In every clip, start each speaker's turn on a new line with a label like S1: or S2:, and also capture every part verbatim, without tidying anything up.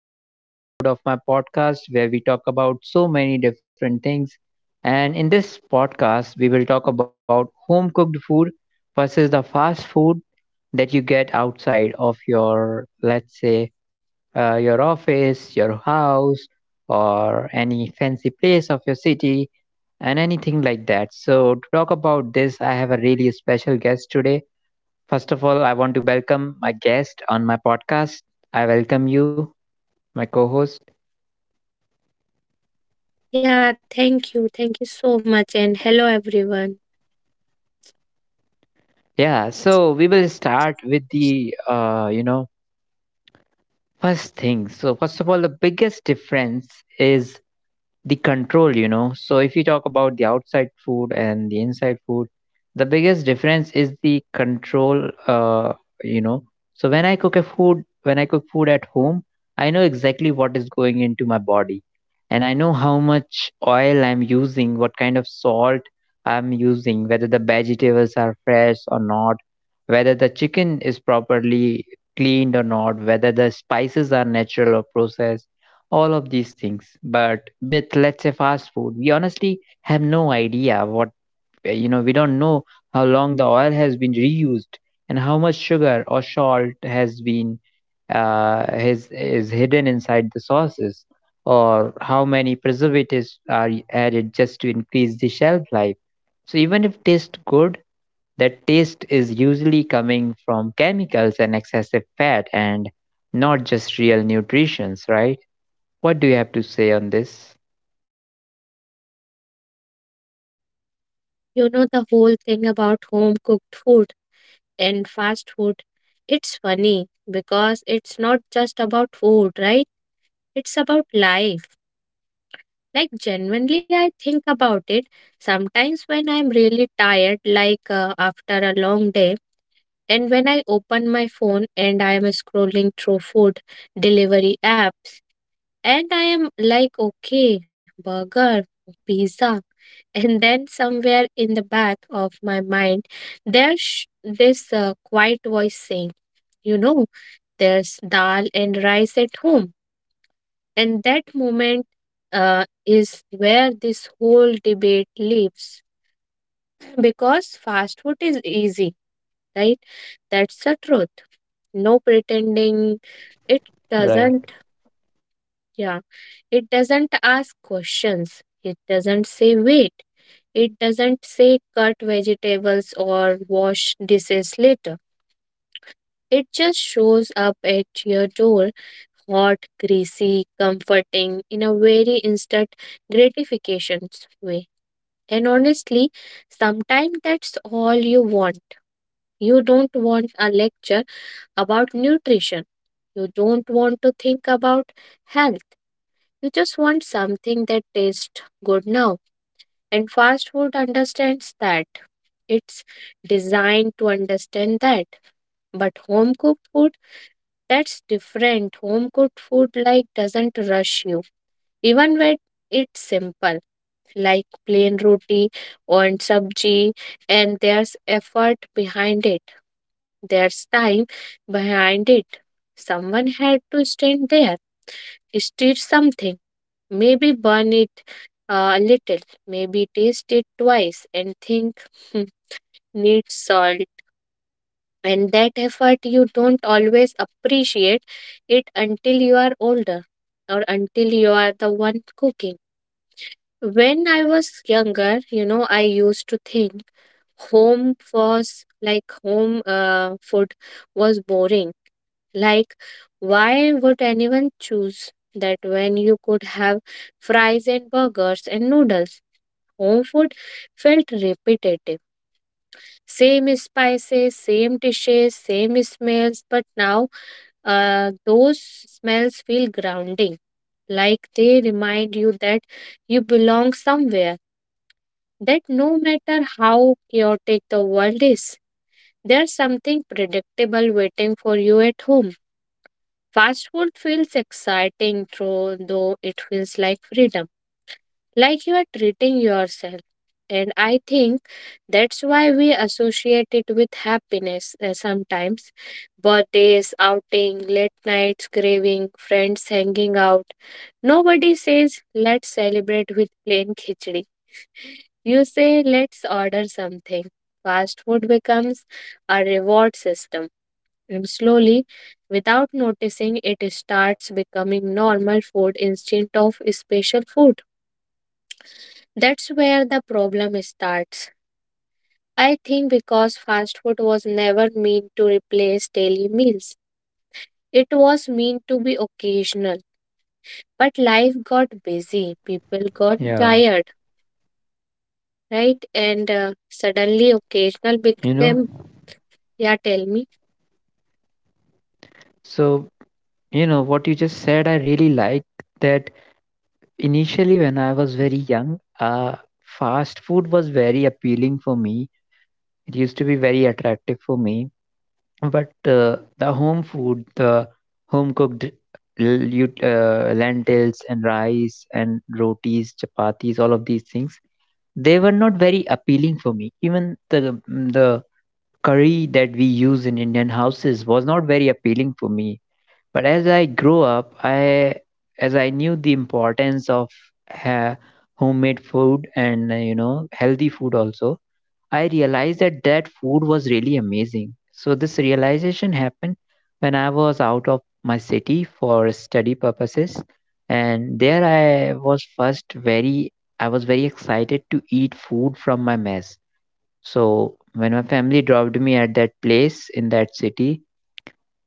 S1: another episode of my podcast where we talk about so many different things. And in this podcast, we will talk about home cooked food versus the fast food that you get outside of your, let's say, uh, your office, your house, or any fancy place of your city, and anything like that. So, to talk about this, I have a really special guest today. First of all, I want to welcome my guest on my podcast. I welcome you my co-host.
S2: Yeah, thank you. Thank you so much. And hello, everyone.
S1: Yeah, so we will start with the uh, you know, first thing. So first of all, the biggest difference is the control, you know. So if you talk about the outside food and the inside food, the biggest difference is the control, uh, you know. So when I cook a food, when I cook food at home, I know exactly what is going into my body, and I know how much oil I'm using, what kind of salt I'm using, whether the vegetables are fresh or not, whether the chicken is properly cleaned or not, whether the spices are natural or processed, all of these things. But with, let's say, fast food, we honestly have no idea what you know We don't know how long the oil has been reused, and how much sugar or salt has been uh, is is hidden inside the sauces, or how many preservatives are added just to increase the shelf life. So even if taste good, that taste is usually coming from chemicals and excessive fat, and not just real nutritions, right? What do you have to say on this?
S2: You know, the whole thing about home cooked food and fast food, it's funny because it's not just about food, right? It's about life. Like, genuinely, I think about it sometimes when I'm really tired, like uh, after a long day, and when I open my phone and I'm scrolling through food delivery apps. And I am like, okay, burger, pizza. And then somewhere in the back of my mind, there's this uh, quiet voice saying, you know, there's dal and rice at home. And that moment uh, is where this whole debate lives because fast food is easy, right? That's the truth. No pretending it
S1: Right.
S2: doesn't. Yeah. It doesn't ask questions. It doesn't say wait. It doesn't say cut vegetables or wash dishes later. It just shows up at your door, hot, greasy, comforting, in a very instant gratification way. And honestly, sometimes that's all you want. You don't want a lecture about nutrition. You don't want to think about health. You just want something that tastes good now. And fast food understands that. It's designed to understand that. But home cooked food, that's different. Home cooked food like doesn't rush you. Even when it's simple, like plain roti or sabji, and there's effort behind it. There's time behind it. Someone had to stand there, stir something. Maybe burn it uh, a little, maybe taste it twice and think, "Hmm, needs salt." And that effort you don't always appreciate it until you are older or until you are the one cooking. When I was younger, you know, I used to think home was like home uh, food was boring. Like, why would anyone choose that when you could have fries and burgers and noodles? Home food felt repetitive. Same spices, same dishes, same smells, but now uh, those smells feel grounding, like they remind you that you belong somewhere, that no matter how chaotic the world is, there's something predictable waiting for you at home. Fast food feels exciting, though, though it feels like freedom. Like you are treating yourself. And I think that's why we associate it with happiness uh, sometimes. Birthdays, outing, late nights, craving, friends hanging out. Nobody says, let's celebrate with plain khichdi. You say, let's order something. Fast food becomes a reward system. And slowly, without noticing, it starts becoming normal food instead of special food. That's where the problem starts. I think because fast food was never meant to replace daily meals, it was meant to be occasional. But life got busy, people got
S1: Yeah.
S2: tired, right? And uh, suddenly occasional
S1: You
S2: became,
S1: know,
S2: yeah, tell me.
S1: so, you know, what you just said, I really like that initially when I was very young, uh, fast food was very appealing for me. It used to be very attractive for me. But uh, the home food, the home cooked l- you- uh, lentils and rice and rotis, chapatis, all of these things, they were not very appealing for me. Even the the curry that we use in Indian houses was not very appealing for me. But as I grew up, I as I knew the importance of ha- homemade food and uh, you know healthy food also, I realized that that food was really amazing. So this realization happened when I was out of my city for study purposes, and there I was first very I was very excited to eat food from my mess. So when my family dropped me at that place in that city,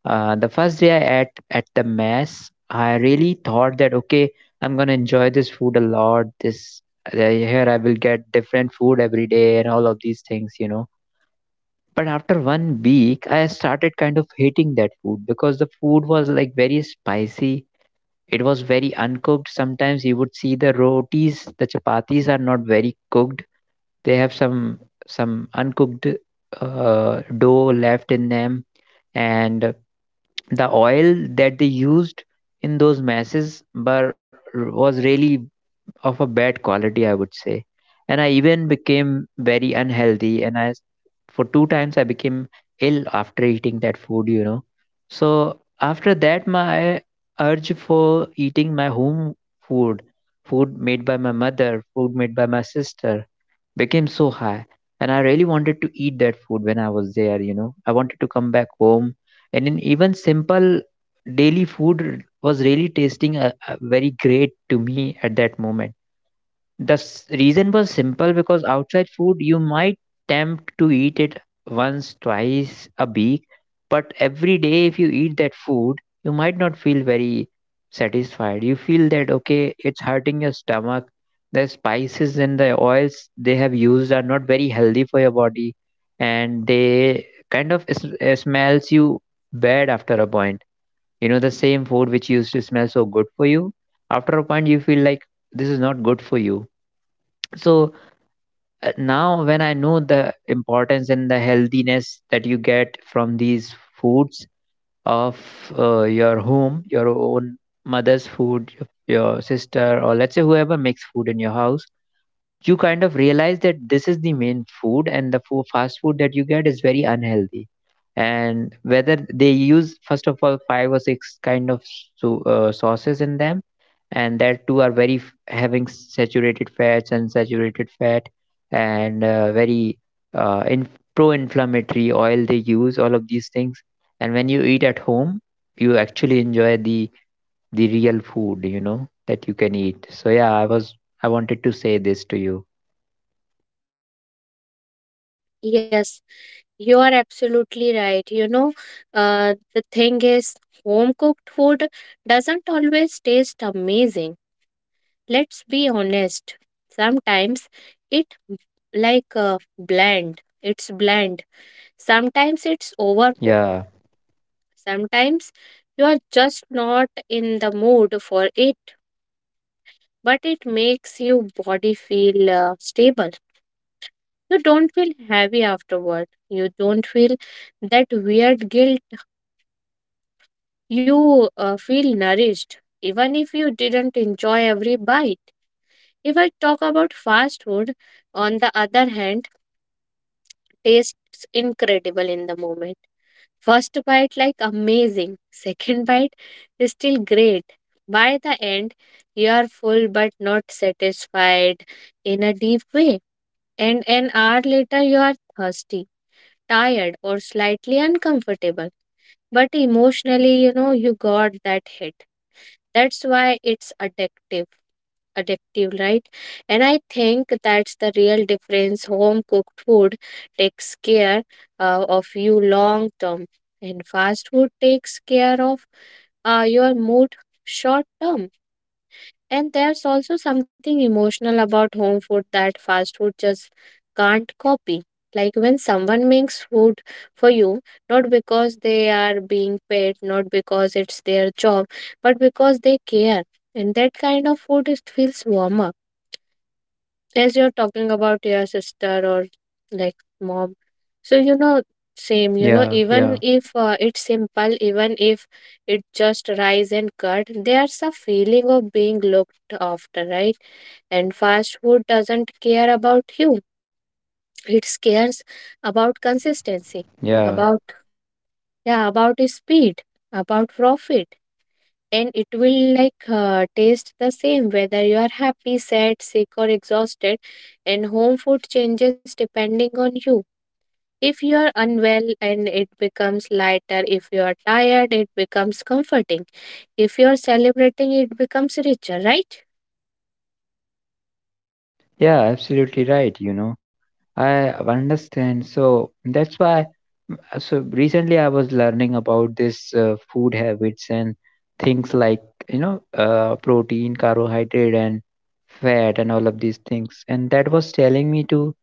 S1: uh, the first day I ate at the mess, I really thought that, okay, I'm gonna enjoy this food a lot. This uh, Here I will get different food every day and all of these things, you know. But after one week, I started kind of hating that food because the food was like very spicy. It was very uncooked. Sometimes you would see the rotis, the chapatis are not very cooked. They have some some uncooked uh, dough left in them, and the oil that they used in those masses were was really of a bad quality, I would say. And I even became very unhealthy, and I s- for two times I became ill after eating that food, you know. So after that, my urge for eating my home food, food made by my mother, food made by my sister, became so high, and I really wanted to eat that food when I was there. you know I wanted to come back home. And in even simple daily food was really tasting uh uh very great to me at that moment. The s- reason was simple, because outside food you might tempt to eat it once, twice a week, but every day if you eat that food, you might not feel very satisfied. You feel that, okay, it's hurting your stomach. The spices and the oils they have used are not very healthy for your body, and they kind of s- uh, smells you bad after a point. You know the same food which used to smell so good for you, after a point you feel like this is not good for you. So uh, now when I know the importance and the healthiness that you get from these foods of uh, your home, your own mother's food, your your sister, or, let's say, whoever makes food in your house, you kind of realize that this is the main food, and the food, fast food that you get is very unhealthy. And whether they use, first of all, five or six kind of so, uh, sauces in them, and that too are very f- having saturated fats and saturated fat, and uh, very uh, in, pro-inflammatory oil they use, all of these things. And when you eat at home, you actually enjoy the the real food, you know that you can eat. So yeah, i was I wanted to say this to you.
S2: Yes, you are absolutely right. You know, uh, the thing is, home cooked food doesn't always taste amazing. Let's be honest, sometimes it b- like uh, bland, it's bland. Sometimes it's overcooked,
S1: Yeah,
S2: sometimes you are just not in the mood for it, but it makes your body feel uh, stable. You don't feel heavy afterward, you don't feel that weird guilt, you uh, feel nourished even if you didn't enjoy every bite. If I talk about fast food, on the other hand, tastes incredible in the moment. First bite, like amazing. Second bite, is still great. By the end, you are full but not satisfied in a deep way. And an hour later, you are thirsty, tired, or slightly uncomfortable. But emotionally, you know, you got that hit. That's why it's addictive addictive, right? And I think that's the real difference. Home cooked food takes care uh, of you long term, and fast food takes care of uh, your mood short term. And there's also something emotional about home food that fast food just can't copy. Like when someone makes food for you, not because they are being paid, not because it's their job, but because they care. And that kind of food, it feels warmer, as you're talking about your sister or like mom, so you know, same, you know,
S1: yeah,
S2: even
S1: yeah,
S2: if uh, it's simple, even if it just rice and cut, there's a feeling of being looked after, right? And fast food doesn't care about you, it cares about consistency,
S1: yeah,
S2: about, yeah, about speed, about profit, and it will like uh, taste the same whether you are happy, sad, sick, or exhausted. And home food changes depending on you. If you are unwell and it becomes lighter, if you are tired it becomes comforting, if you are celebrating it becomes richer, right?
S1: yeah, absolutely right, you know. I understand. So that's why, mm, uh, so recently I was learning about this uh, food habits and things like, you know, uh, protein, carbohydrate, and fat, and all of these things. And that was telling me to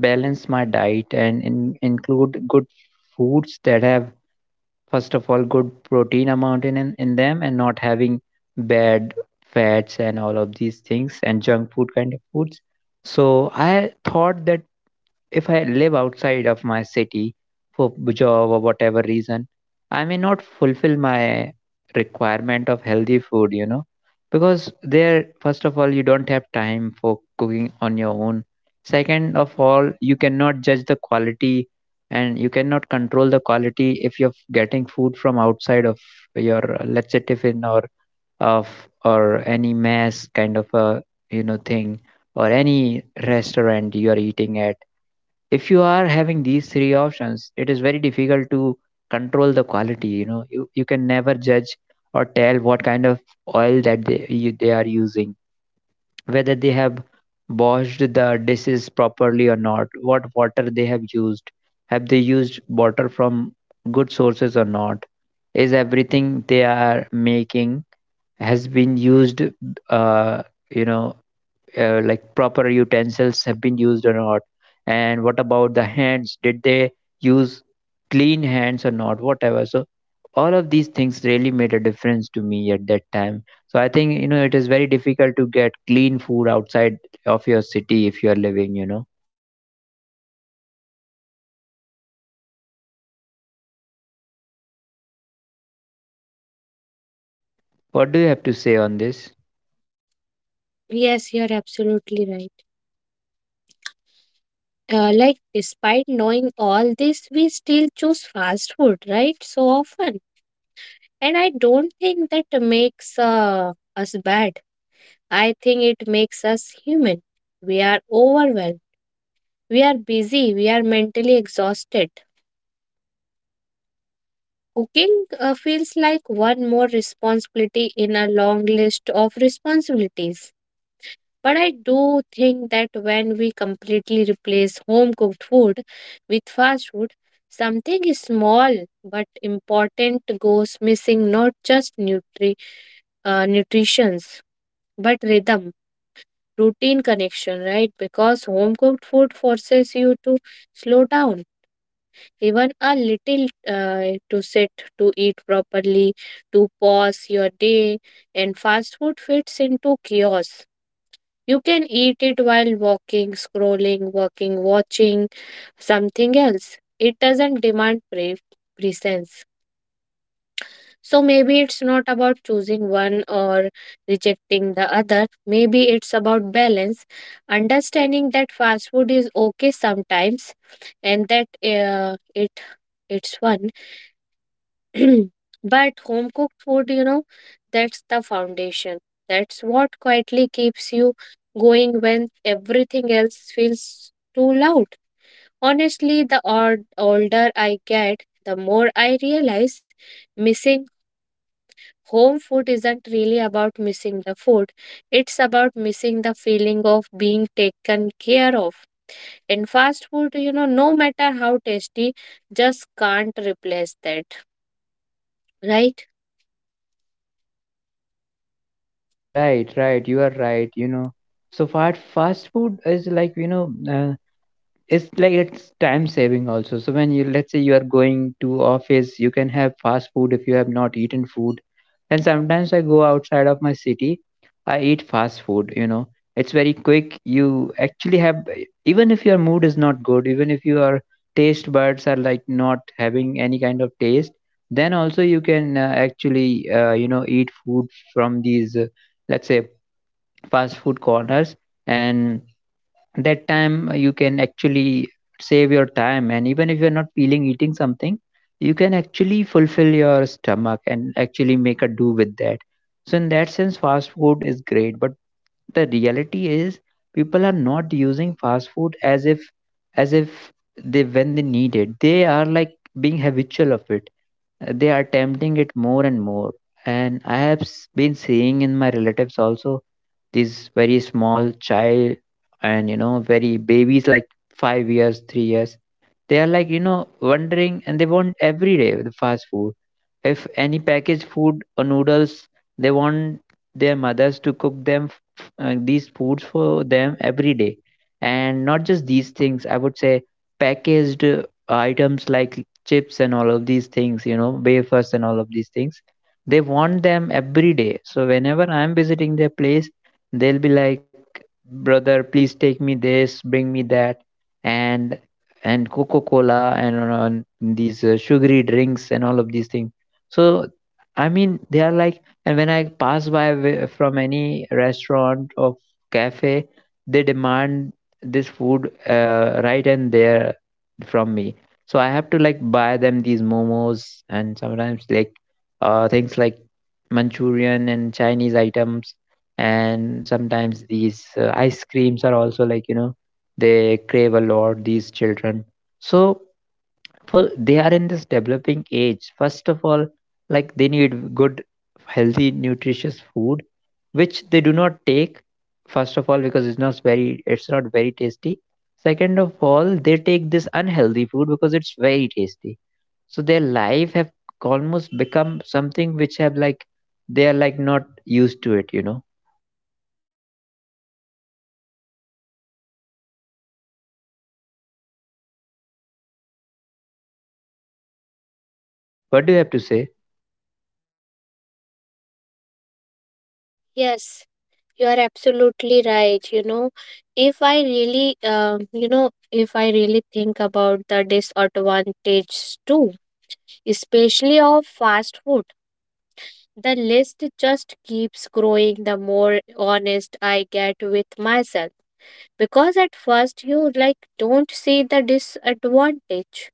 S1: balance my diet and in, include good foods that have, first of all, good protein amount in, in in them, and not having bad fats and all of these things and junk food kind of foods. So I thought that if I live outside of my city for b- job or whatever reason, I may not fulfill my requirement of healthy food, you know, because there, first of all, you don't have time for cooking on your own. Second of all, you cannot judge the quality, and you cannot control the quality if you're getting food from outside of your, uh, let's say, tiffin or of or any mess kind of a you know thing, or any restaurant you are eating at. If you are having these three options, it is very difficult to control the quality you know you, you can never judge or tell what kind of oil that they, you, they are using, whether they have washed the dishes properly or not, what water they have used, have they used water from good sources or not, is everything they are making has been used, uh, you know uh, like, proper utensils have been used or not, and what about the hands, did they use clean hands or not, whatever. So all of these things really made a difference to me at that time. So I think you know it is very difficult to get clean food outside of your city if you are living you know What do you have to say on this?
S2: Yes, you're absolutely right. uh, like, despite knowing all this, we still choose fast food, right, so often, and I don't think that makes uh, us bad. I think it makes us human. We are overwhelmed. We are busy. We are mentally exhausted. Cooking uh, feels like one more responsibility in a long list of responsibilities. But I do think that when we completely replace home cooked food with fast food, something small but important goes missing, not just nutri- uh, nutrition, but rhythm. Routine, connection, right? Because home cooked food forces you to slow down, even a little, uh, to sit, to eat properly, to pause your day, and fast food fits into chaos. You can eat it while walking, scrolling, working, watching something else. It doesn't demand pre- presence. So maybe it's not about choosing one or rejecting the other. Maybe it's about balance, understanding that fast food is okay sometimes and that uh, it it's fun. But home cooked food, you know, that's the foundation. That's what quietly keeps you going when everything else feels too loud. Honestly, the odd, older I get, the more I realize missing home food isn't really about missing the food, it's about missing the feeling of being taken care of. And fast food, you know, no matter how tasty, just can't replace that, right?
S1: Right. Right. You are right you know So fast fast food is like, you know uh, it's like it's time saving also. So when you, let's say, you are going to office, you can have fast food if you have not eaten food. And sometimes I go outside of my city, I eat fast food you know It's very quick. You actually have Even if your mood is not good, even if your taste buds are like not having any kind of taste, then also you can uh, actually uh, you know eat food from these, uh, let's say, fast food corners. And that time, uh, you can actually save your time. And even if you're not feeling eating something, you can actually fulfill your stomach and actually make a do with that. So in that sense, fast food is great, but the reality is people are not using fast food as if as if they, when they need it, they are like being habitual of it. Uh, they are tempting it more and more. And I have s- been seeing in my relatives also, these very small child, and you know very babies like five years three years, they are like, you know, wondering, and they want every day the fast food. If any packaged food or noodles, they want their mothers to cook them f- f- uh, these foods for them every day. And not just these things, I would say packaged uh, items like chips and all of these things, you know, wafers and all of these things. They want them every day. So whenever I'm visiting their place, they'll be like, brother, please take me this, bring me that. And and Coca Cola and on, these uh, sugary drinks and all of these things. So, I mean, they are like, and when I pass by wi- from any restaurant or cafe, they demand this food uh, right and there from me. So I have to like buy them these momos, and sometimes like uh, things like Manchurian and Chinese items. And sometimes these uh, ice creams are also, like, you know they crave a lot, these children. So for they are in this developing age, first of all, like they need good, healthy, nutritious food, which they do not take. First of all, because it's not very, it's not very tasty. Second of all, they take this unhealthy food because it's very tasty. So their life have almost become something which have, like, they are like not used to it you know What do you have to say?
S2: Yes, you are absolutely right. You know, if I really, uh, you know, if I really think about the disadvantages too, especially of fast food, the list just keeps growing the more honest I get with myself. Because at first you like don't see the disadvantage,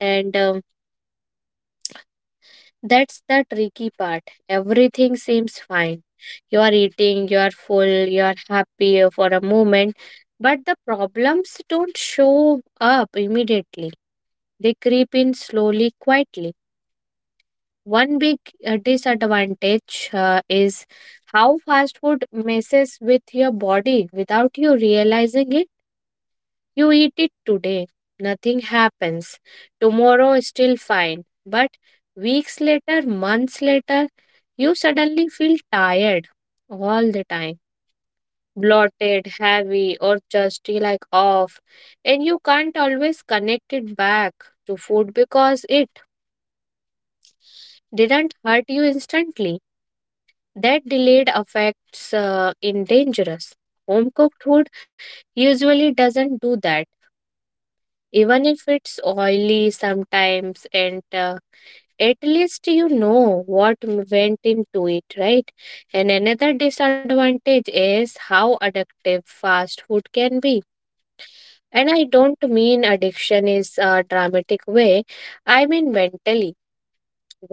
S2: and um, that's the tricky part. Everything seems fine, you are eating, you are full, you are happy for a moment, but the problems don't show up immediately, they creep in slowly, quietly. One big uh, disadvantage uh, is how fast food messes with your body without you realizing it. You eat it today, nothing happens. Tomorrow, still fine. But weeks later, months later, you suddenly feel tired all the time, bloated, heavy, or just eh, like off. And you can't always connect it back to food because it didn't hurt you instantly. That delayed affects uh, in dangerous. Home cooked food usually doesn't do that, even if it's oily sometimes, and uh, at least you know what m- went into it, right? And another disadvantage is how addictive fast food can be, and I don't mean addiction is a dramatic way, I mean mentally.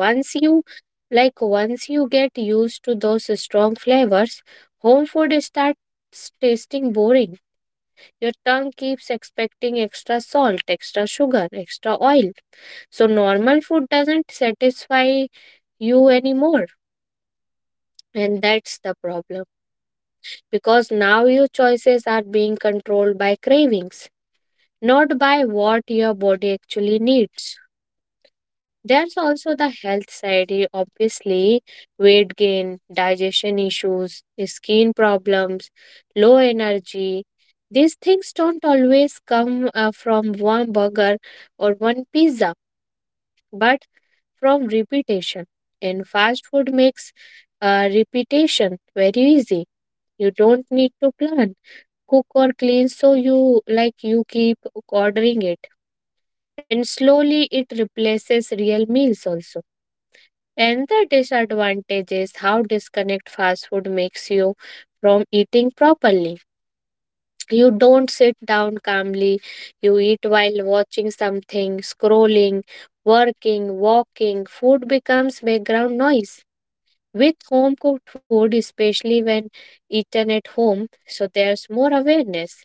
S2: Once you, like, once you get used to those strong flavors, home food starts tasting boring. Your tongue keeps expecting extra salt, extra sugar, extra oil. So normal food doesn't satisfy you anymore. And that's the problem, because now your choices are being controlled by cravings, not by what your body actually needs. There's also the health side, eh, obviously, weight gain, digestion issues, skin problems, low energy. These things don't always come uh, from one burger or one pizza, but from repetition. And fast food makes uh, repetition very easy. You don't need to plan, cook or clean, so you like you keep ordering it. And slowly it replaces real meals also. And the disadvantage is how disconnect fast food makes you from eating properly. You don't sit down calmly, you eat while watching something, scrolling, working, walking, food becomes background noise. With home cooked food, especially when eaten at home, so there's more awareness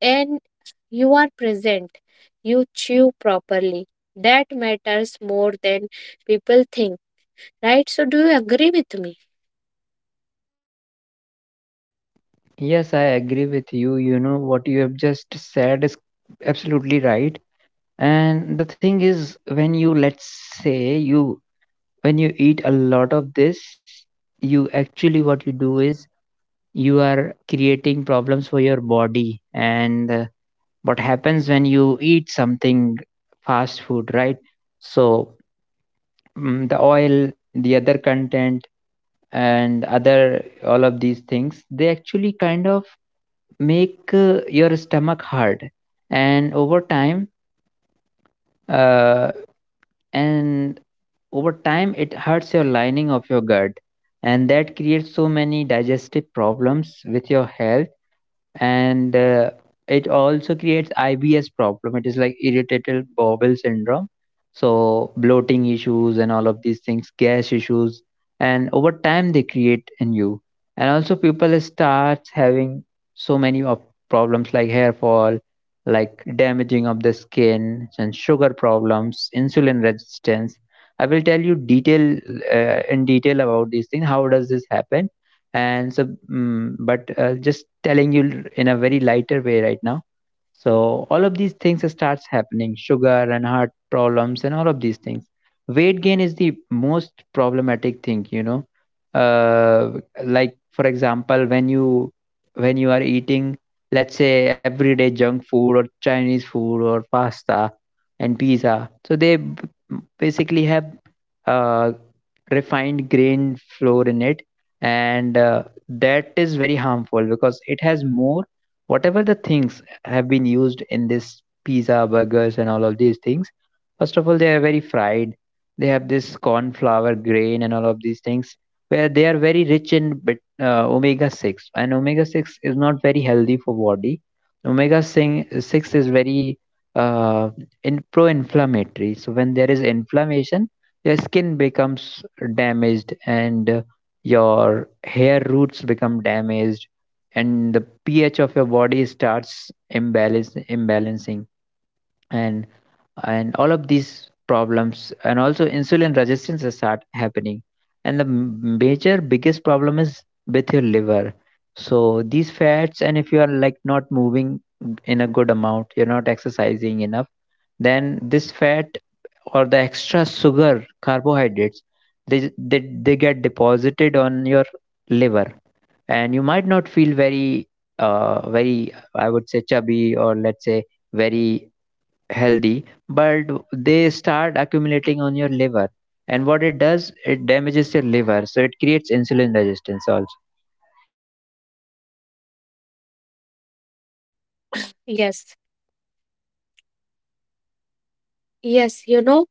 S2: and you are present. You chew properly. That matters more than people think, right? So, do you agree with me?
S1: Yes, I agree with you. You know, what you have just said is absolutely right. And the thing is, when you, let's say, you, when you eat a lot of this, you actually, what you do is you are creating problems for your body. And uh, what happens when you eat something fast food, right? So, mm the oil, the other content, and other, all of these things, they actually kind of make uh, your stomach hard and over time, uh, and over time it hurts your lining of your gut, and that creates so many digestive problems with your health. And uh, it also creates I B S problem. It is like irritable bowel syndrome, so bloating issues and all of these things, gas issues, and over time they create in you. And also people starts having so many of problems like hair fall, like damaging of the skin, and sugar problems, insulin resistance. I will tell you detail uh, in detail about these things. How does this happen? And so, mm, but uh, just telling you in a very lighter way right now. So all of these things starts happening, sugar and heart problems and all of these things. Weight gain is the most problematic thing, you know. Uh, like for example, when you, when you are eating, let's say, everyday junk food or Chinese food or pasta and pizza, so they b- basically have uh, refined grain flour in it. And uh, that is very harmful because it has more, whatever the things have been used in this pizza, burgers, and all of these things. First of all, they are very fried. They have this corn flour, grain, and all of these things, where they are very rich in bit, uh, omega six. And omega six is not very healthy for body. Omega six is very uh, in pro-inflammatory. So when there is inflammation, your skin becomes damaged, and uh, your hair roots become damaged, and the pH of your body starts imbalance imbalancing. And and all of these problems, and also insulin resistance will start happening. And the m- major biggest problem is with your liver. So these fats, and if you are like not moving in a good amount, you're not exercising enough, then this fat or the extra sugar carbohydrates, they they, they get deposited on your liver. And you might not feel very, uh, very, I would say, chubby, or let's say very healthy, but they start accumulating on your liver. And what it does, it damages your liver, so it creates insulin resistance also.
S2: Yes. Yes, you know,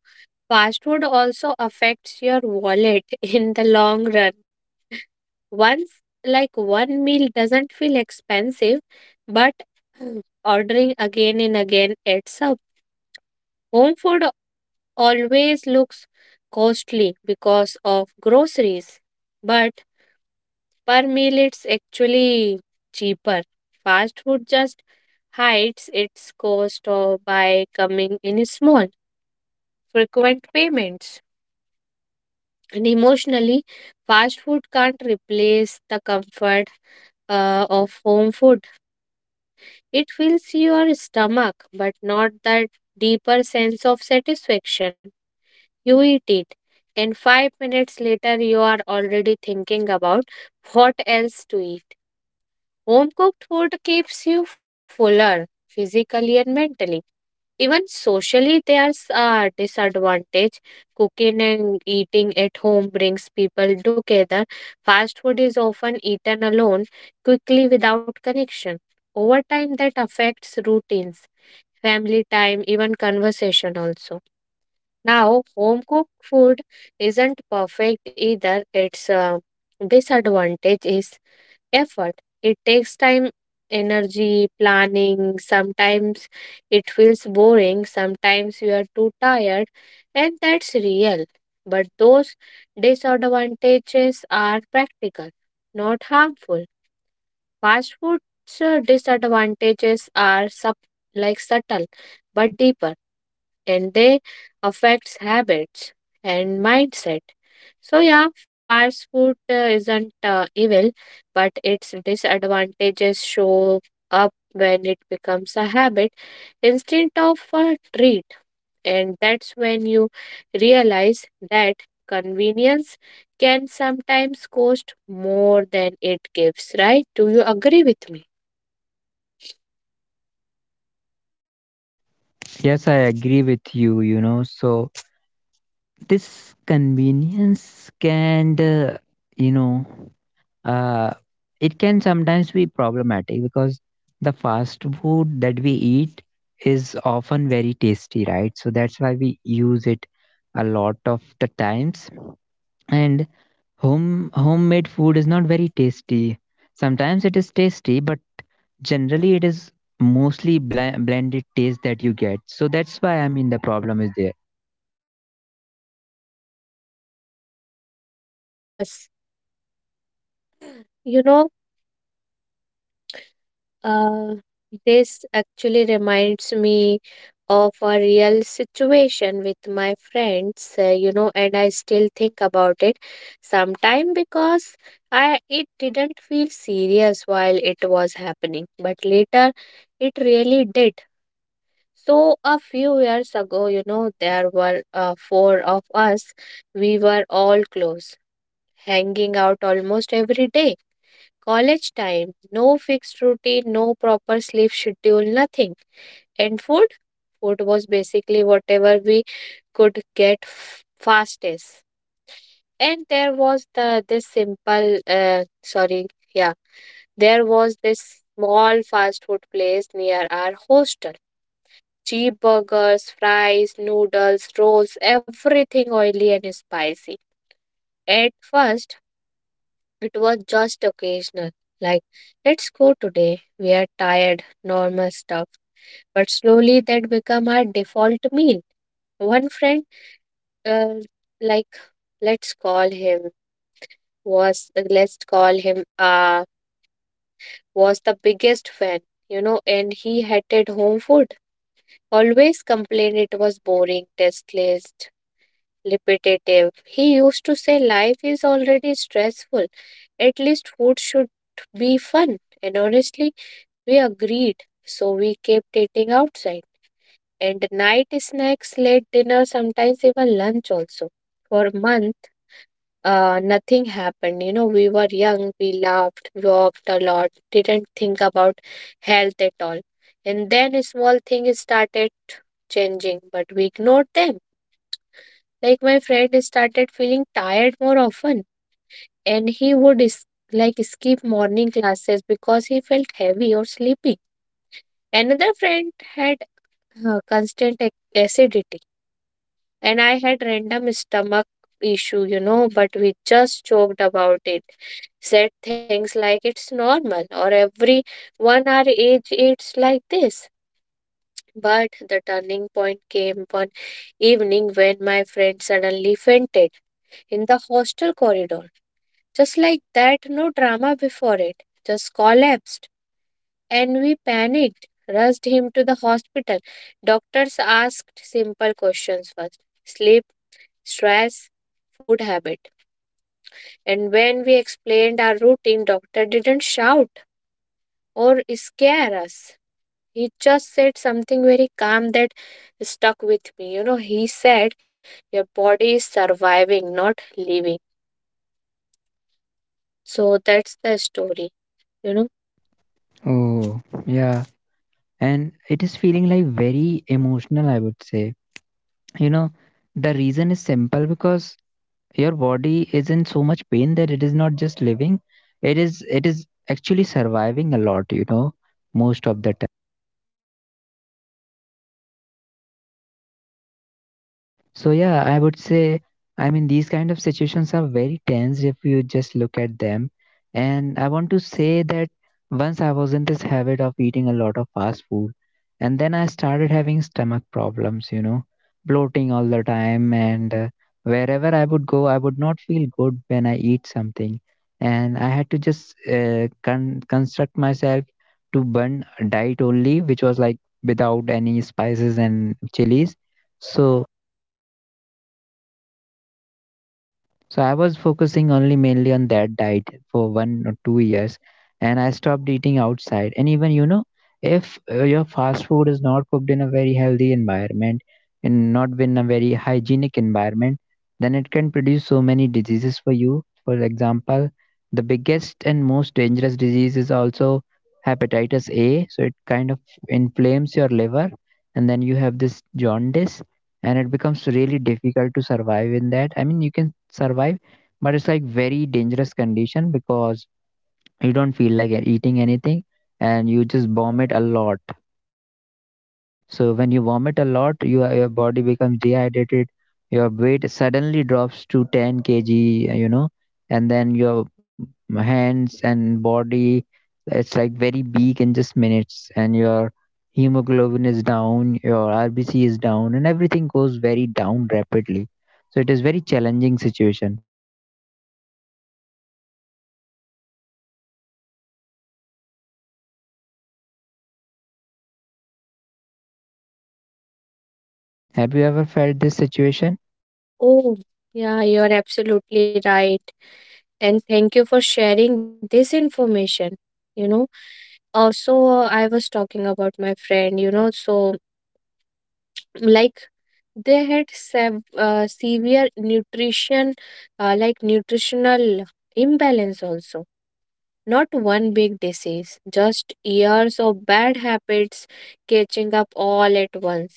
S2: fast food also affects your wallet in the long run. Once, like one meal doesn't feel expensive, but ordering again and again adds up. Home food always looks costly because of groceries, but per meal it's actually cheaper. Fast food just hides its cost or by coming in small, frequent payments. And emotionally, fast food can't replace the comfort uh, of home food. It fills your stomach, but not that deeper sense of satisfaction. You eat it, and five minutes later, you are already thinking about what else to eat. Home cooked food keeps you fuller physically and mentally. Even socially, there's a disadvantage. Cooking and eating at home brings people together. Fast food is often eaten alone, quickly without connection. Over time, that affects routines, family time, even conversation also. Now, home cooked food isn't perfect either. Its uh, disadvantage is effort. It takes time, energy, planning. Sometimes it feels boring. Sometimes you are too tired, and that's real. But those disadvantages are practical, not harmful. Fast food's uh, disadvantages are sub- like subtle but deeper, and they affects habits and mindset. So yeah, fast food uh, isn't uh, evil, but its disadvantages show up when it becomes a habit instead of a treat, and that's when you realize that convenience can sometimes cost more than it gives. Right? Do you agree with me?
S1: Yes, I agree with you, you know. So, this convenience can, uh, you know, uh, it can sometimes be problematic because the fast food that we eat is often very tasty, right? So that's why we use it a lot of the times. And home homemade food is not very tasty. Sometimes it is tasty, but generally it is mostly bl- blended taste that you get. So that's why, I mean, the problem is there.
S2: Yes. You know Uh, this actually reminds me of a real situation with my friends, uh, you know, and I still think about it sometime because I it didn't feel serious while it was happening, but later it really did. So a few years ago, you know, there were uh, four of us. We were all close, hanging out almost every day. College time, no fixed routine, no proper sleep schedule, nothing. And food? Food was basically whatever we could get f- fastest. And there was the this simple, uh, sorry, yeah, there was this small fast food place near our hostel. Cheap burgers, fries, noodles, rolls, everything oily and spicy. At first, It was just occasional, like, let's go today. We are tired, normal stuff. But slowly that became our default meal. One friend, uh, like, let's call him, was, let's call him, uh, was the biggest fan, you know, and he hated home food. Always complained it was boring, tasteless, repetitive. He used to say, "Life is already stressful. At least food should be fun." And honestly, we agreed. So we kept eating outside. And night snacks, late dinner, sometimes even lunch also. For a month, uh, nothing happened. You know, we were young, we laughed, walked a lot, didn't think about health at all. And then a small thing started changing, but we ignored them. Like my friend started feeling tired more often, and he would is- like skip morning classes because he felt heavy or sleepy. Another friend had uh, constant ac- acidity, and I had random stomach issue, you know, but we just joked about it. Said things like it's normal or every one our age it's like this. But the turning point came one evening when my friend suddenly fainted in the hostel corridor. Just like that, no drama before it. Just collapsed. And we panicked, rushed him to the hospital. Doctors asked simple questions first: sleep, stress, food habit. And when we explained our routine, doctor didn't shout or scare us. He just said something very calm that stuck with me. You know, he said, "Your body is surviving, not living." So that's the story. You know.
S1: Oh, yeah. And it is feeling like very emotional, I would say. You know, the reason is simple, because your body is in so much pain that it is not just living, it is, it is actually surviving a lot, you know, most of the time. So yeah, I would say, I mean, these kind of situations are very tense if you just look at them. And I want to say that once I was in this habit of eating a lot of fast food, and then I started having stomach problems, you know, bloating all the time. And uh, wherever I would go, I would not feel good when I eat something, and I had to just uh, con- construct myself to burn a diet only, which was like without any spices and chilies. So So I was focusing only mainly on that diet for one or two years, and I stopped eating outside. And even, you know, if uh, your fast food is not cooked in a very healthy environment and not in a very hygienic environment, then it can produce so many diseases for you. For example, the biggest and most dangerous disease is also hepatitis A. So it kind of inflames your liver, and then you have this jaundice, and it becomes really difficult to survive in that. I mean, you can survive, but it's like very dangerous condition, because you don't feel like eating anything, and you just vomit a lot. So when you vomit a lot, you, are- your body becomes dehydrated. Your weight suddenly drops to ten k g, you know, and then your m- hands and body, it's like very weak in just minutes. And your hemoglobin is down, your R B C is down, and everything goes very down rapidly. So it is very challenging situation. Have you ever felt this situation?
S2: Oh, yeah, you are absolutely right. And thank you for sharing this information. You know, Also, uh, I was talking about my friend, you know, so like they had sev uh, severe nutrition, uh, like nutritional imbalance also. Not one big disease, just years of bad habits catching up all at once.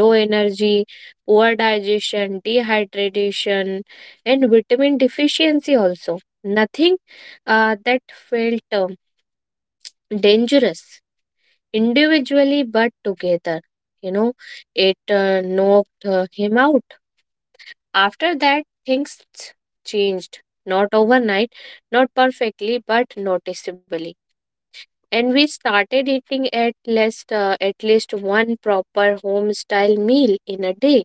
S2: Low energy, poor digestion, dehydration, and vitamin deficiency also. Nothing uh, that felt um, dangerous individually but together. You know, it uh, knocked uh, him out. After that, things changed. Not overnight, not perfectly, but noticeably. And we started eating at least uh, at least one proper home style meal in a day,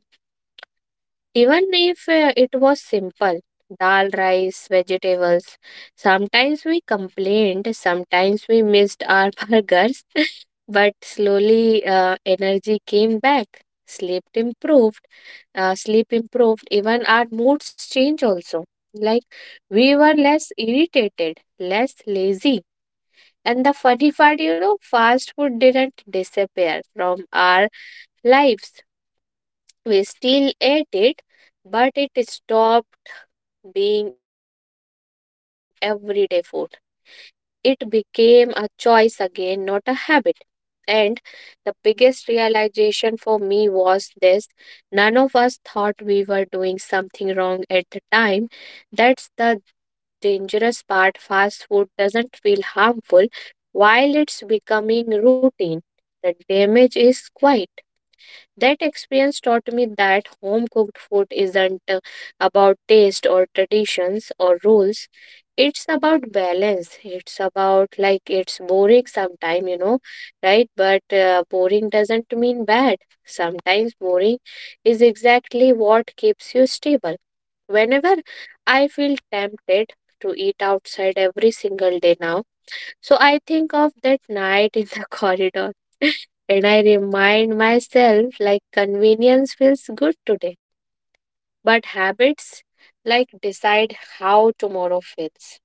S2: even if uh, it was simple dal rice vegetables. Sometimes we complained, sometimes we missed our burgers. But slowly uh, energy came back, sleep improved, uh, sleep improved even our moods change also. Like we were less irritated, less lazy, and the funny part, you know, fast food didn't disappear from our lives. We still ate it, but it stopped being everyday food. It became a choice again, not a habit. And the biggest realization for me was this: none of us thought we were doing something wrong at the time. That's the dangerous part. Fast food doesn't feel harmful while it's becoming routine. The damage is quiet. That experience taught me that home cooked food isn't uh, about taste or traditions or rules. It's about balance. It's about like it's boring sometimes, you know, right? But uh, boring doesn't mean bad. Sometimes boring is exactly what keeps you stable. Whenever I feel tempted to eat outside every single day now, so I think of that night in the corridor, and I remind myself like convenience feels good today, but habits like decide how tomorrow feels.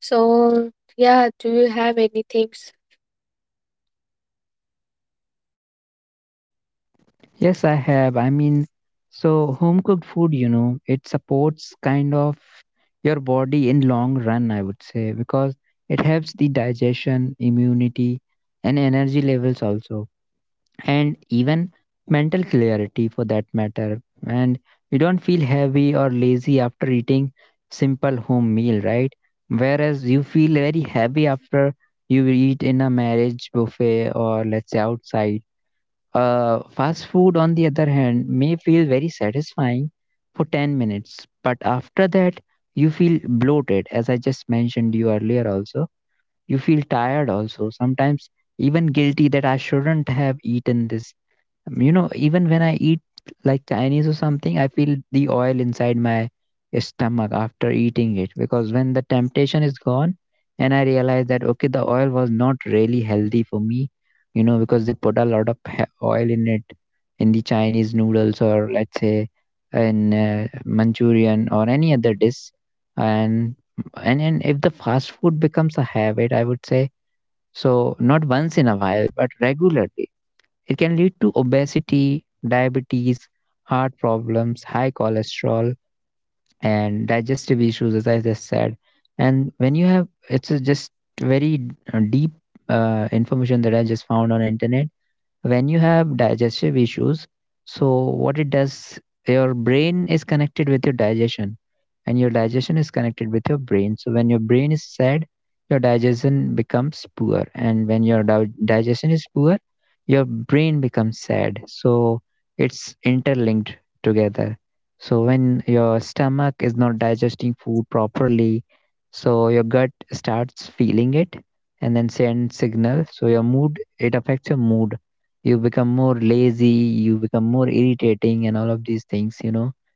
S2: So, yeah, do you have anything? s-
S1: Yes, I have. I mean, so home cooked food, you know, it supports kind of your body in long run, I would say, because it helps the digestion, immunity, and energy levels also, and even mental clarity for that matter. And you don't feel heavy or lazy after eating simple home meal, right? Whereas you feel very heavy after you eat in a marriage buffet, or let's say outside uh, fast food. On the other hand, may feel very satisfying for ten minutes, but after that, you feel bloated, as I just mentioned you earlier also. You feel tired also, sometimes even guilty that I shouldn't have eaten this. Um, you know, even when I eat like Chinese or something, I feel the oil inside my stomach after eating it, because when the temptation is gone and I realize that, okay, the oil was not really healthy for me, you know, because they put a lot of he- oil in it, in the Chinese noodles, or let's say in uh, Manchurian or any other dish. And and and if the fast food becomes a habit, I would say, so not once in a while but regularly, it can lead to obesity, diabetes, heart problems, high cholesterol, and digestive issues, as I just said. And when you have, it's a just very uh, deep uh, information that I just found on internet. When you have digestive issues, so what it does, your brain is connected with your digestion, and your digestion is connected with your brain. So when your brain is sad, your digestion becomes poor, and when your di- digestion is poor, your brain becomes sad. So it's interlinked together. So when your stomach is not digesting food properly, so your gut starts feeling it, and then send signal, so your mood, it affects your mood. You become more lazy, you become more irritating, and all of these things, you know.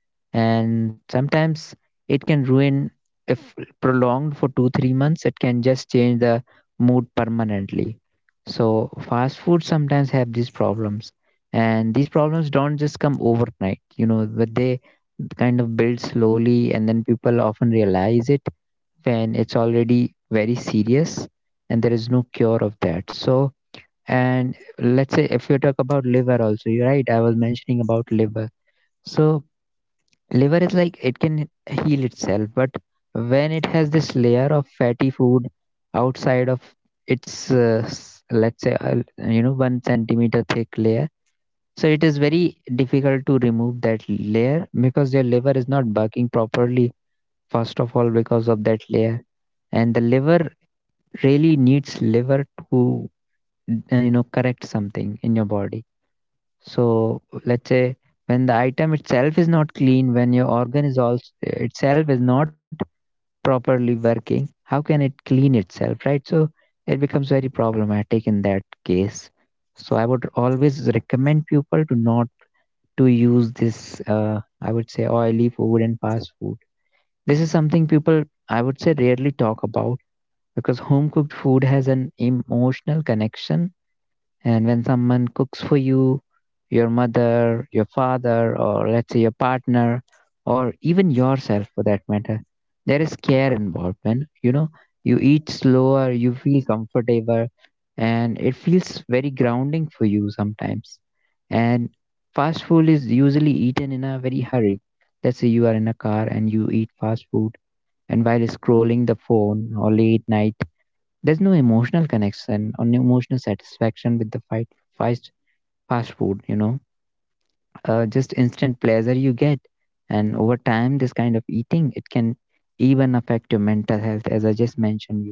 S1: And sometimes it can ruin, if prolonged for two, three months, it can just change the mood permanently. So, fast food sometimes have these problems, and these problems don't just come overnight, you know, but they kind of build slowly, and then people often realize it when it's already very serious and there is no cure of that. So, and let's say if you talk about liver also, you're right, I was mentioning about liver. So liver is like it can heal itself, but when it has this layer of fatty food outside of its uh, s- let's say, uh, you know, one centimeter thick layer, so it is very difficult to remove that layer because your liver is not working properly first of all because of that layer. And the liver really needs liver to uh, you know, correct something in your body. So let's say when the item itself is not clean, when your organ is also itself is not properly working, how can it clean itself, right? So it becomes very problematic in that case. So I would always recommend people to not to use this, Uh, I would say, oily food and fast food. This is something people, I would say, rarely talk about, because home cooked food has an emotional connection. And when someone cooks for you, your mother, your father, or let's say your partner, or even yourself for that matter, there is care involved, man. You know, you eat slower, you feel comfortable, and it feels very grounding for you sometimes. And fast food is usually eaten in a very hurry. Let's say you are in a car and you eat fast food, and while scrolling the phone or late night there's no emotional connection or no emotional satisfaction with the fight fast fast food, you know. Uh, just instant pleasure you get. And over time this kind of eating it can even affect your mental health as I just mentioned you.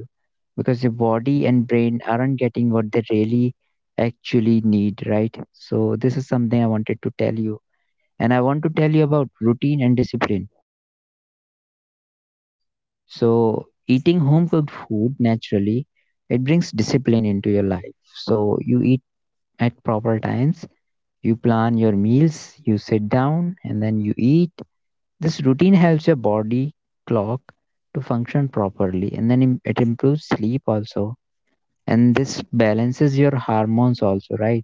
S1: Because your body and brain aren't getting what they really actually need, right? So this is something I wanted to tell you. And I want to tell you about routine and discipline. So eating home cooked food naturally it brings discipline into your life so you eat at proper times. You plan your meals, you sit down, and then you eat. This routine helps your body clock to function properly, and then im- it improves sleep also. And this balances your hormones also, right?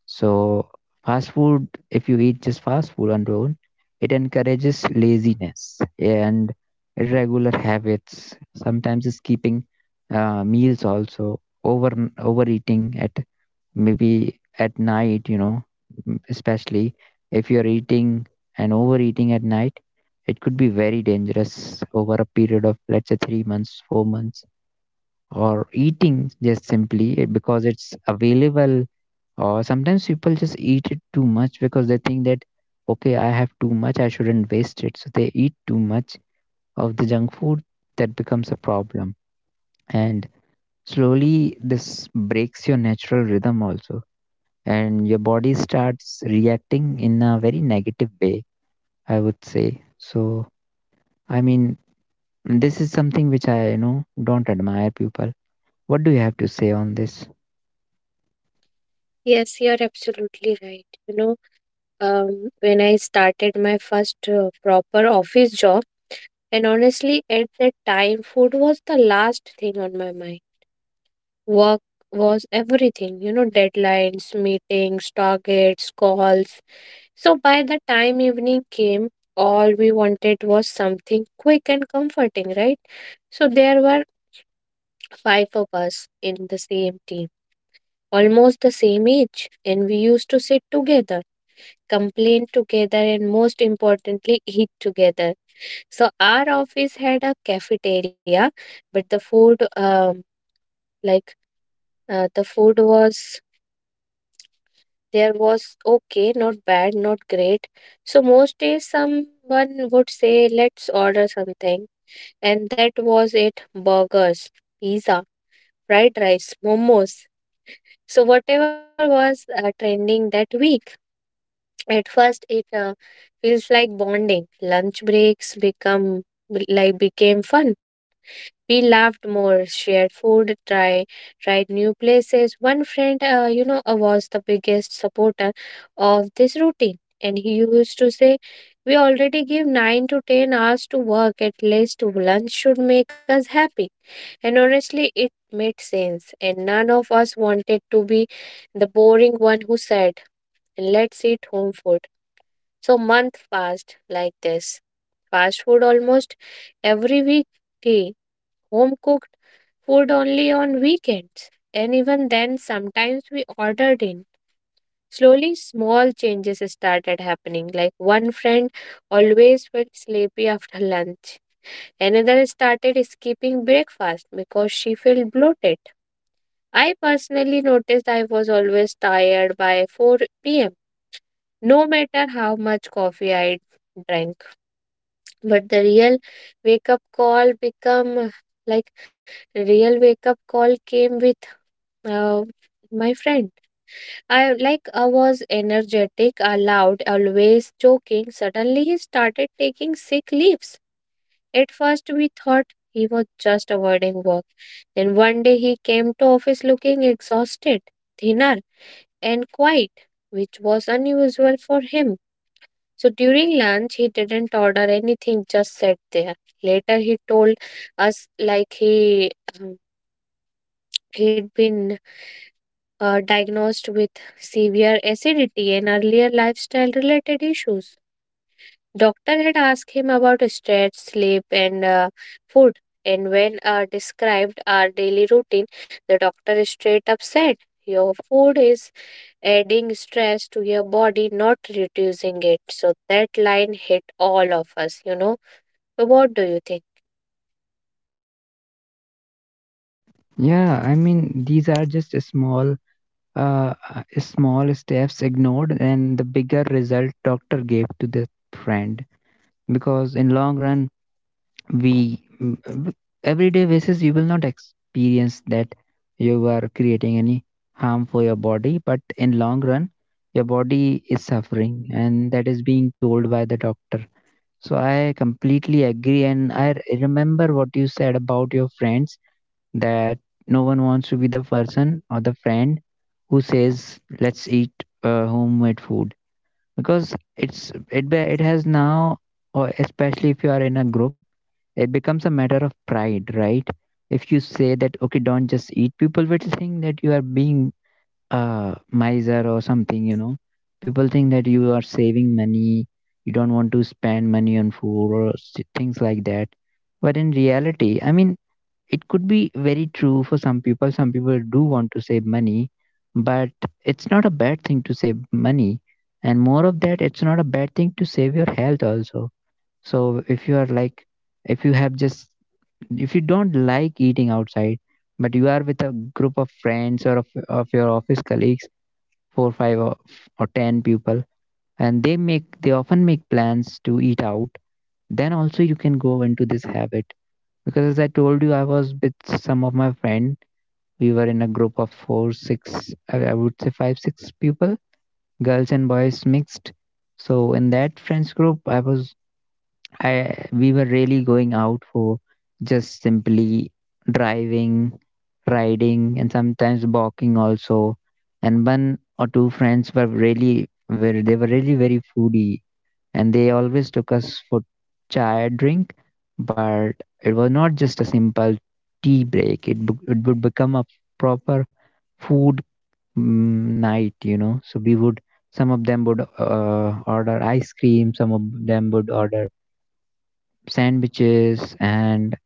S1: So, fast food, if you eat just fast food on your own, it encourages laziness and irregular habits. Sometimes it's keeping uh, meals also over overeating at maybe at night, you know, m- especially if you're eating and overeating at night, it could be very dangerous over a period of, let's say, three months, four months, or eating just simply it- because it's available. Or sometimes people just eat it too much because they think that, okay, I have too much, I shouldn't waste it. So they eat too much of the junk food, that becomes a problem. And slowly, this breaks your natural rhythm also and your body starts reacting in a very negative way, I would say. So, I mean, this is something which I, you know, don't admire people. What do you have to say on this?
S2: Yes, you're absolutely right. You know, um, when I started my first uh, proper office job, and honestly, at that time, food was the last thing on my mind. Work was everything, you know, deadlines, meetings, targets, calls. So by the time evening came, all we wanted was something quick and comforting, right? So there were five of us in the same team, almost the same age, and we used to sit together, complain together, and most importantly, eat together. So our office had a cafeteria, but the food, um, like uh, the food was there was okay, not bad, not great. So most days someone would say, "Let's order something." And that was it: burgers, pizza, fried rice, momos. So whatever was uh, trending that week. At first, it uh, feels like bonding. Lunch breaks become like became fun. We laughed more, shared food, try tried new places. One friend, uh, you know, uh, was the biggest supporter of this routine, and he used to say, "We already give nine to ten hours to work. At least lunch should make us happy." And honestly, it made sense, and none of us wanted to be the boring one who said, "Let's eat home food." So month fast like this. Fast food almost every weekday. Home cooked food only on weekends. And even then sometimes we ordered in. Slowly small changes started happening. Like one friend always felt sleepy after lunch. Another started skipping breakfast because she felt bloated. I personally noticed I was always tired by four p m, no matter how much coffee I drank. But the real wake up call become like real wake up call came with uh, my friend. I like I was energetic, uh, loud, always joking. Suddenly he started taking sick leaves. At first we thought he was just avoiding work. Then one day he came to office looking exhausted, thinner and quiet, which was unusual for him. So during lunch, he didn't order anything, just sat there. Later, he told us like he um, he'd been uh, diagnosed with severe acidity and earlier lifestyle related issues. Doctor had asked him about stress, sleep, and uh, food. And when uh, described our daily routine, the doctor straight up said, "Your food is adding stress to your body, not reducing it." So that line hit all of us, you know so what do you think?
S1: Yeah, I mean, these are just a small, uh, uh, small steps ignored, and the bigger result doctor gave to the friend. Because in long run, we mm, everyday basis you will not experience that you are creating any harm for your body, but in long run your body is suffering and that is being told by the doctor. So I completely agree, and I r- remember what you said about your friends, that no one wants to be the person or the friend who says let's eat uh, homemade food, because it's it be- it has now, or especially if you are in a group, it becomes a matter of pride, right? If you say that, okay, don't just eat, people will think that you are being a miser or something, you know. People think that you are saving money, you don't want to spend money on food or s- things like that. But in reality, I mean, it could be very true for some people. Some people do want to save money, but it's not a bad thing to save money. And more of that, it's not a bad thing to save your health also. So if you are like, if you have just, if you don't like eating outside, but you are with a group of friends or of, of your office colleagues, four, five, or, or ten people, and they make, they often make plans to eat out, then also you can go into this habit. Because as I told you, I was with some of my friends. We were in a group of four, six, I I would say five, six people, girls and boys mixed. So in that friends group, I was, I we were really going out for just simply driving, riding, and sometimes walking also. And one or two friends were really, were they were really very foodie, and they always took us for chai drink, but it was not just a simple tea break. It bec- it would become a proper food mm, night, you know. So we would, some of them would uh, order ice cream, some of them would order sandwiches, and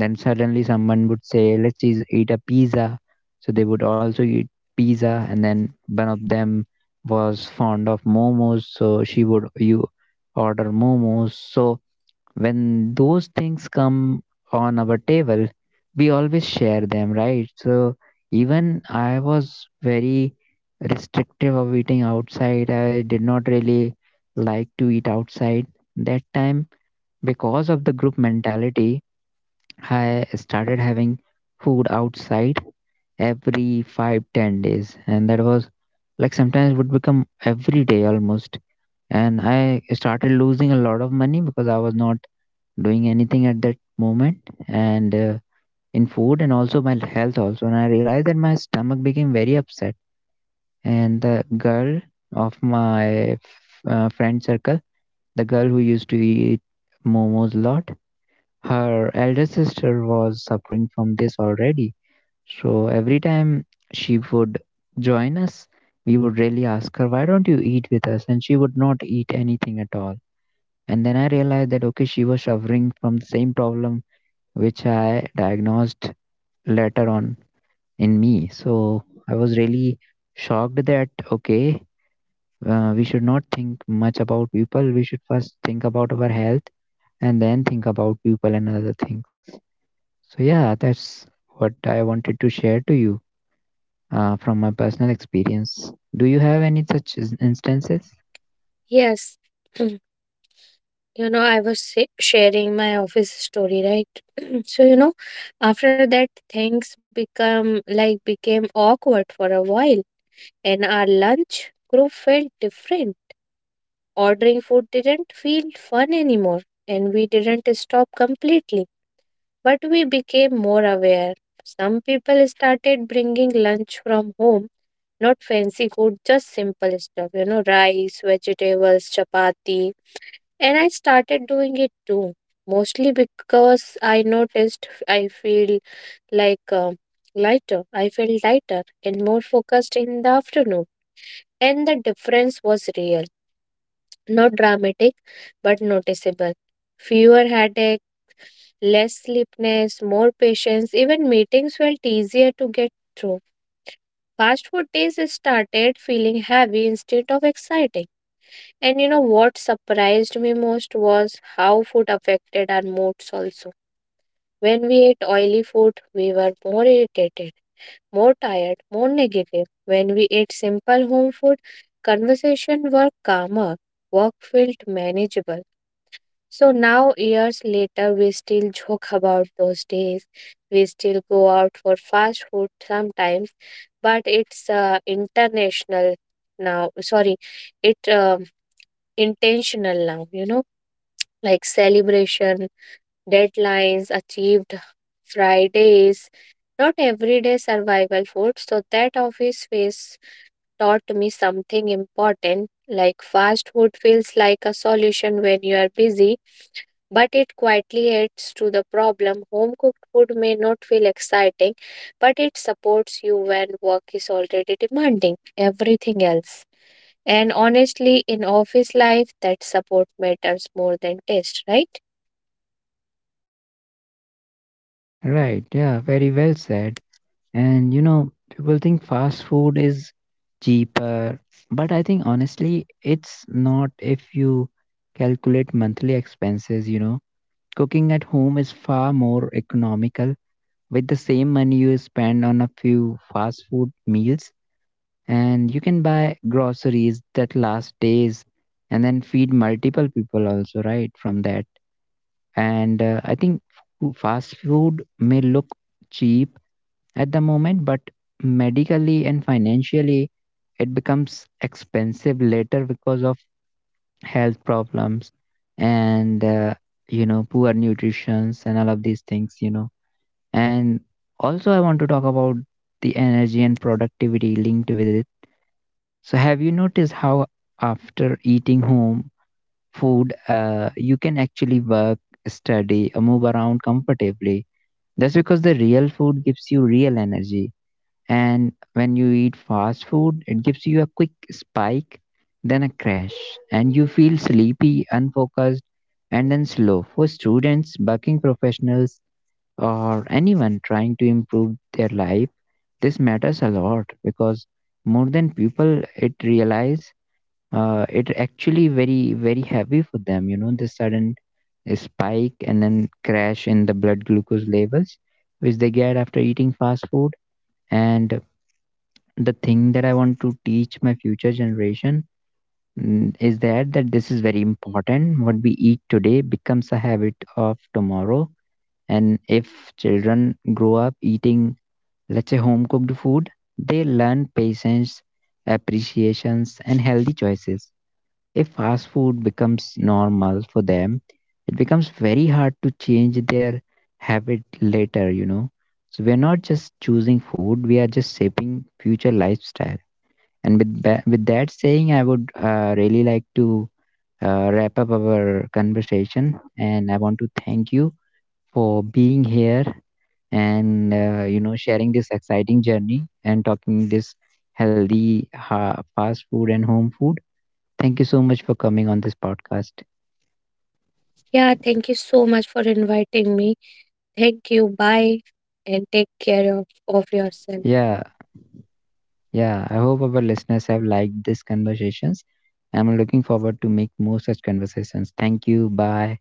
S1: then suddenly someone would say, "Let's eas- eat a pizza." So they would also eat pizza, and then one of them was fond of momos, so she would you order momos. So when those things come on our table, we always share them, right? So even I was very restrictive of eating outside. I did not really like to eat outside that time because of the group mentality. I started having food outside every five ten days, and that was like sometimes would become every day almost. And I started losing a lot of money because I was not doing anything at that moment and uh, in food and also my health also. And I realized that my stomach became very upset, and the girl of my f- uh, friend circle, the girl who used to eat momos a lot, her elder sister was suffering from this already. So every time she would join us, we would really ask her, why don't you eat with us? And she would not eat anything at all. And then I realized that, okay, she was suffering from the same problem which I diagnosed later on in me. So I was really shocked that, okay, uh, we should not think much about people. We should first think about our health and then think about people and other things. So, yeah, that's what I wanted to share to you uh, from my personal experience. Do you have any such ins- instances?
S2: Yes, you know, I was sa- sharing my office story, right? So you know, after that, things become like became awkward for a while, and our lunch group felt different. Ordering food didn't feel fun anymore, and we didn't stop completely, but we became more aware. Some people started bringing lunch from home, not fancy food, just simple stuff, you know, rice, vegetables, chapati. And I started doing it too, mostly because I noticed I feel like um lighter. I felt lighter and more focused in the afternoon. And the difference was real, not dramatic, but noticeable. Fewer headache, less sleepiness, more patience, even meetings felt easier to get through. Fast food days started feeling heavy instead of exciting. And you know what surprised me most was how food affected our moods also. When we ate oily food, we were more irritated, more tired, more negative. When we ate simple home food, conversation were calmer, work felt manageable. So now, years later, we still joke about those days. We still go out for fast food sometimes, but it's uh, international now. Sorry, it um intentional now. You know, like celebration deadlines, achieved Fridays, not everyday survival food. So that office space taught me something important. Like fast food feels like a solution when you are busy, but it quietly adds to the problem. Home cooked food may not feel exciting, but it supports you when work is already demanding everything else. And honestly, in office life, that support matters more than taste, right?
S1: Right, yeah, very well said. And you know, people think fast food is cheaper, but I think honestly, it's not, if you calculate monthly expenses, you know. Cooking at home is far more economical. With the same money you spend on a few fast food meals, and you can buy groceries that last days and then feed multiple people also, right? From that. And uh, I think fu- fast food may look cheap at the moment, but medically and financially, it becomes expensive later because of health problems and uh, you know, poor nutritions and all of these things, you know. And also I want to talk about the energy and productivity linked with it. So have you noticed how after eating home food uh, you can actually work, study, or move around comfortably? That's because the real food gives you real energy. And when you eat fast food, it gives you a quick spike, then a crash, and you feel sleepy, unfocused, and then slow. For students, working professionals, or anyone trying to improve their life, this matters a lot, because more than people it realize, uh, it actually very very heavy for them, you know, the sudden spike and then crash in the blood glucose levels which they get after eating fast food. And the thing that I want to teach my future generation mm, is that that this is very important. What we eat today becomes a habit of tomorrow. And if children grow up eating, let's say, home cooked food, they learn patience, appreciations, and healthy choices. If fast food becomes normal for them, it becomes very hard to change their habit later, you know. So we are not just choosing food, we are just shaping future lifestyle. And with ba- with that saying, I would uh, really like to uh, wrap up our conversation, and I want to thank you for being here and uh, you know, sharing this exciting journey and talking this healthy ha- fast food and home food. Thank you so much for coming on this podcast.
S2: Yeah, thank you so much for inviting me. Thank you. Bye. And take care of, of yourself.
S1: Yeah, yeah. I hope our listeners have liked these conversations. I'm looking forward to make more such conversations. Thank you. Bye.